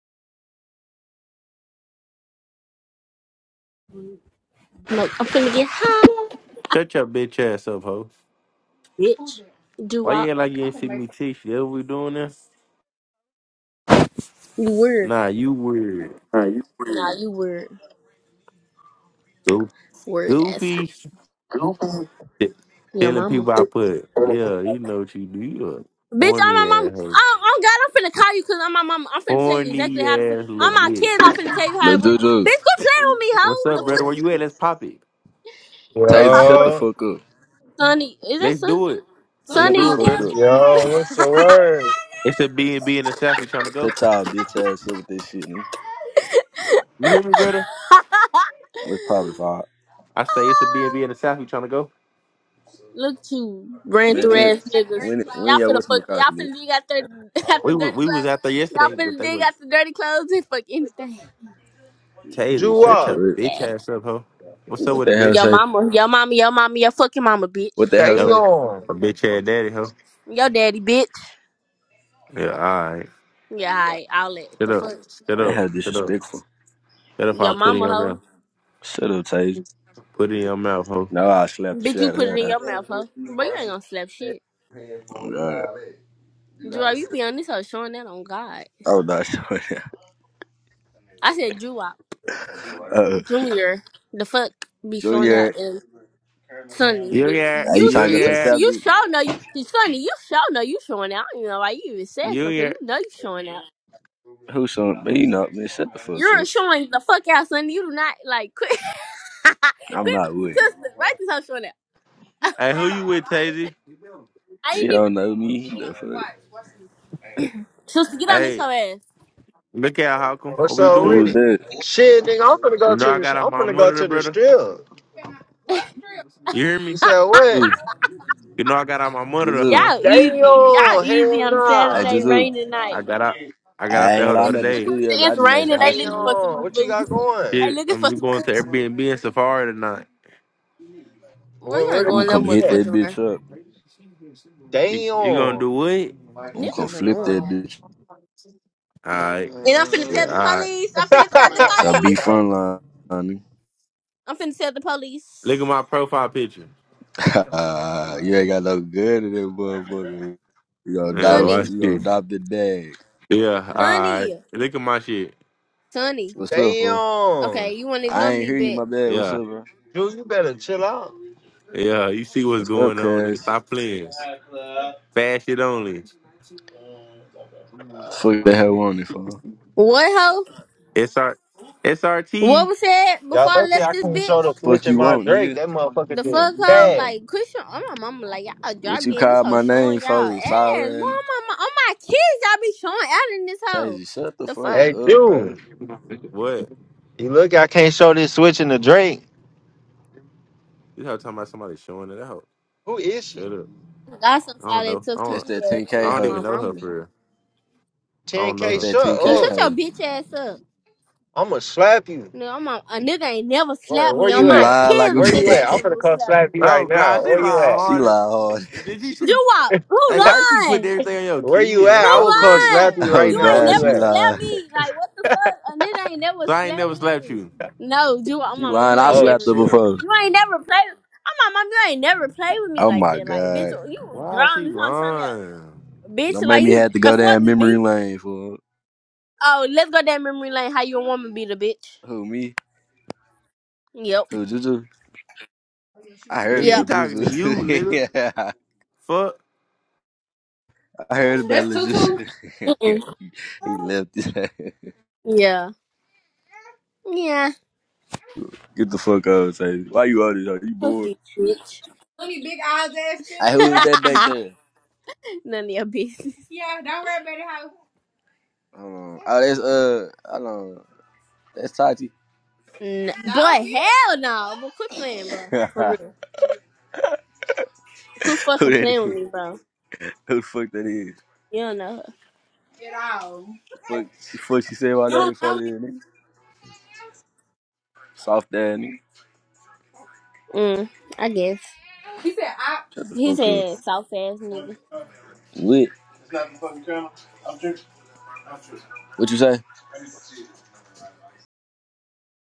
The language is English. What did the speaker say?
No, I'm finna get high, Shut your bitch ass up, ho. bitch. Do Why I? you act like you ain't seen me teach you? That what we doing this? You word. Nah, you weird. Nah, you word. Nah, you word. Go- Word ass. Goofy. Nobody. T- Yo, Telling mama. people I put. Bitch, Yeah, you know what you do. You a I'm my horny mama. Oh, ass hoe. oh God, I'm finna call you because I'm my mama. I'm finna tell you Horny exactly how to. fu- ass little I'm my bitch. kids. I'm finna tell you how Look, to win. Juju, Bitch, quit playing with me, What's hoe. The up, brother? fuck? Where you at? Let's pop it. Boy, Tazy, pop shut the what? Yo, fuck up. Sonny, is that Let's Sonny? do it. Let's Shut the do it, fuck Sonny. brother. up. yo, what's the word? It's a B and b in the South. We trying to go. Shut y'all bitch ass up with this shit. Man. You hear me, brother? let probably vibe. I say it's a B and b in the South. We trying to go. Look at you, brand Man, through when ass niggas. when when Y'all y'all finna with fuck. McCall, Y'all bitch? finna dig out their after We, wa- dirty we was clothes. out there Y'all yesterday, but finna they dig were out the dirty clothes and fuck anything. Taylor. Shit, Shut Juwan, your word. bitch Yeah. ass up, ho. What's up What with the it, hell bitch? Your say? mama, your mama, your mama, your fucking mama, What bitch. the hell Yo, say? damn, a bitch ass daddy, huh? Your daddy, bitch. Yeah, all right. Yeah, alright, I'll let Shut the up. fuck. Shut That up. hell Shut up. disrespectful. Shut up. I Your put it in mama, your hoe. mouth. Shut up, Tazy. Put it in your mouth, ho. No, I slapped the Bitch, shit you out of put it in her. your mouth, hoe. But you ain't gonna slap shit. Oh god. Drew, you be on this hoe showing that on God. Oh no, sure. I said Drew, uh, Junior, the fuck be showing out. Junior, Sonny, You bitch, yeah. are you you sh- You trying to go to you the sh- yeah. south, you bitch? sure know you Sonny, you sure know you showing out. You know why you even said You so? yeah. you know you showing out. Who son? But you know, man, shut the fuck You're up. showing the fuck out, Sonny. You do not like quit, I'm not quit, with. it. sister. Right this how showing out. Hey, Bro, who you with, alright. Tazy? I She ain't even. don't know me. And he The gonna fuck? watch, watch me. Sister, get on this Hey, her look at Holcomb. What what's we up Who with was doing? it? that. Shit, nigga, I'm finna go You know to I the, got out I'm my finna go monitor, to the brother. strip. You hear You me? said ass. what? Juju. You know I got out my monitor, Juju. huh? Y'all Damn, easy. Y'all easy hell on a I nah. Saturday just look. rainy I night. got out. I got I out ain't It's, there gonna lie, the I'm other at the day. studio, but I it's just made some raining. They hot shit. looking Bro. for Damn, some what you booty. got going? They Shit, looking I'm for we some. going to coochie. Airbnb and Safari tonight. Well, Where, you ain't where I'm the gonna going no come people be hit at? that motherfucking where. bitch up. You, you gonna Damn. do what? I'm gonna Niggas flip that annoying. bitch. All right. And I'm finna Yeah. tell the All right. police. I'm finna tell the So be police. frontline. honey. I'm finna tell the Look police. at my profile picture. Uh, you ain't got no good in that motherfucker. You gonna Yeah. adopt, Watch Sonny. you gonna this. adopt the bag. Yeah, all right. Sonny. Look at my shit. Sonny. What's up, bro? Okay, damn. you wanna I ignore ain't me, hear you, bitch. my bad. What's Yeah, up, bro? Drew, you better chill out. yeah. You see what's What's up, going on, nigga. cuz? Stop playing. Fast shit only. Fuck the hell want it for? What hoe? SR, What SRT. was said before Y'all I lucky left I this can't show bitch? the switch Fuck in you my want, Drake. nigga. That motherfucker The fuck did hoe? bad. Like, Christian, on my mama, like, y'all drop What you me in this call hoe my showing name y'all ass. for? Boy, on Siren. my, ma- on my kids, y'all be showing out in this hoe. Tazy, shut the The fuck fuck? Hey, up, bro. June. What? You look, I can't show this switching to Drake. You talking about somebody showing it out? Who is Shut she? up. Got some I don't solid know. I tough That's don't. tongue that ass I shit 10K on don't hoe. even my know her mama. for real. I don't know That's 10K, her. that shut Nigga, 10K. shut up. your hoe. bitch ass up. I'ma slap you. No, I'm a, a nigga ain't never Where, slapped where me on you You my at? lie like kids. a A Where nigga you at? ain't I'm bitch. gonna never come slapped slap me. you right Oh now. gosh, she lied Where you at? she harder. lie hard. Did you? shoot- You what? Who Hey, why you keep putting lying? everything on your Where you kids? Don't at? I Who Stop will that come shit. slap lying? you Oh right You now. ain't Where God, you she never at? slapped lie. me. Like what the fuck? A nigga ain't never So I ain't slapped never slapped me. you. No, you. I'm She my mom. You lying. I ain't Oh never. slapped her shit. before. You ain't never play. I'm my mom. You ain't never play with me Oh like my that. Like bitch, God. oh, you was Why is grown. she You on something else. lying? Bitch, Don't make like me you have to go afford down this beat. memory lane for Oh, let's go down memory lane. How you a woman beat a bitch? who me? Yep. Who Juju? I heard Nigga, she about Yep. talking Juju. to you, nigga. yeah, Fuck. I heard about That's Lil Tutu. Juju. Mm-mm. he left. Get Yeah. Yeah. the fuck out, say. Why you out here? You Fuck bored? you, bitch. Look at big eyes ass Hey, shit. who is that back nigga. there? None of your business. Yeah, don't worry about it, hoe. Hold on. Oh, that's uh, hold on. That's Tati. N- No, boy, bitch. hell no. But quit playing, bro. who For that real. Quit fucking is? playing with me, bro. Who the fuck that is? You don't know her. At all. Fuck, she, fuck she say about You don't that know funny me. ass nigga. Soft ass nigga. Mm, I guess. He said, I. Shut the He fuck up. said soft ass nigga. Lit. What you say?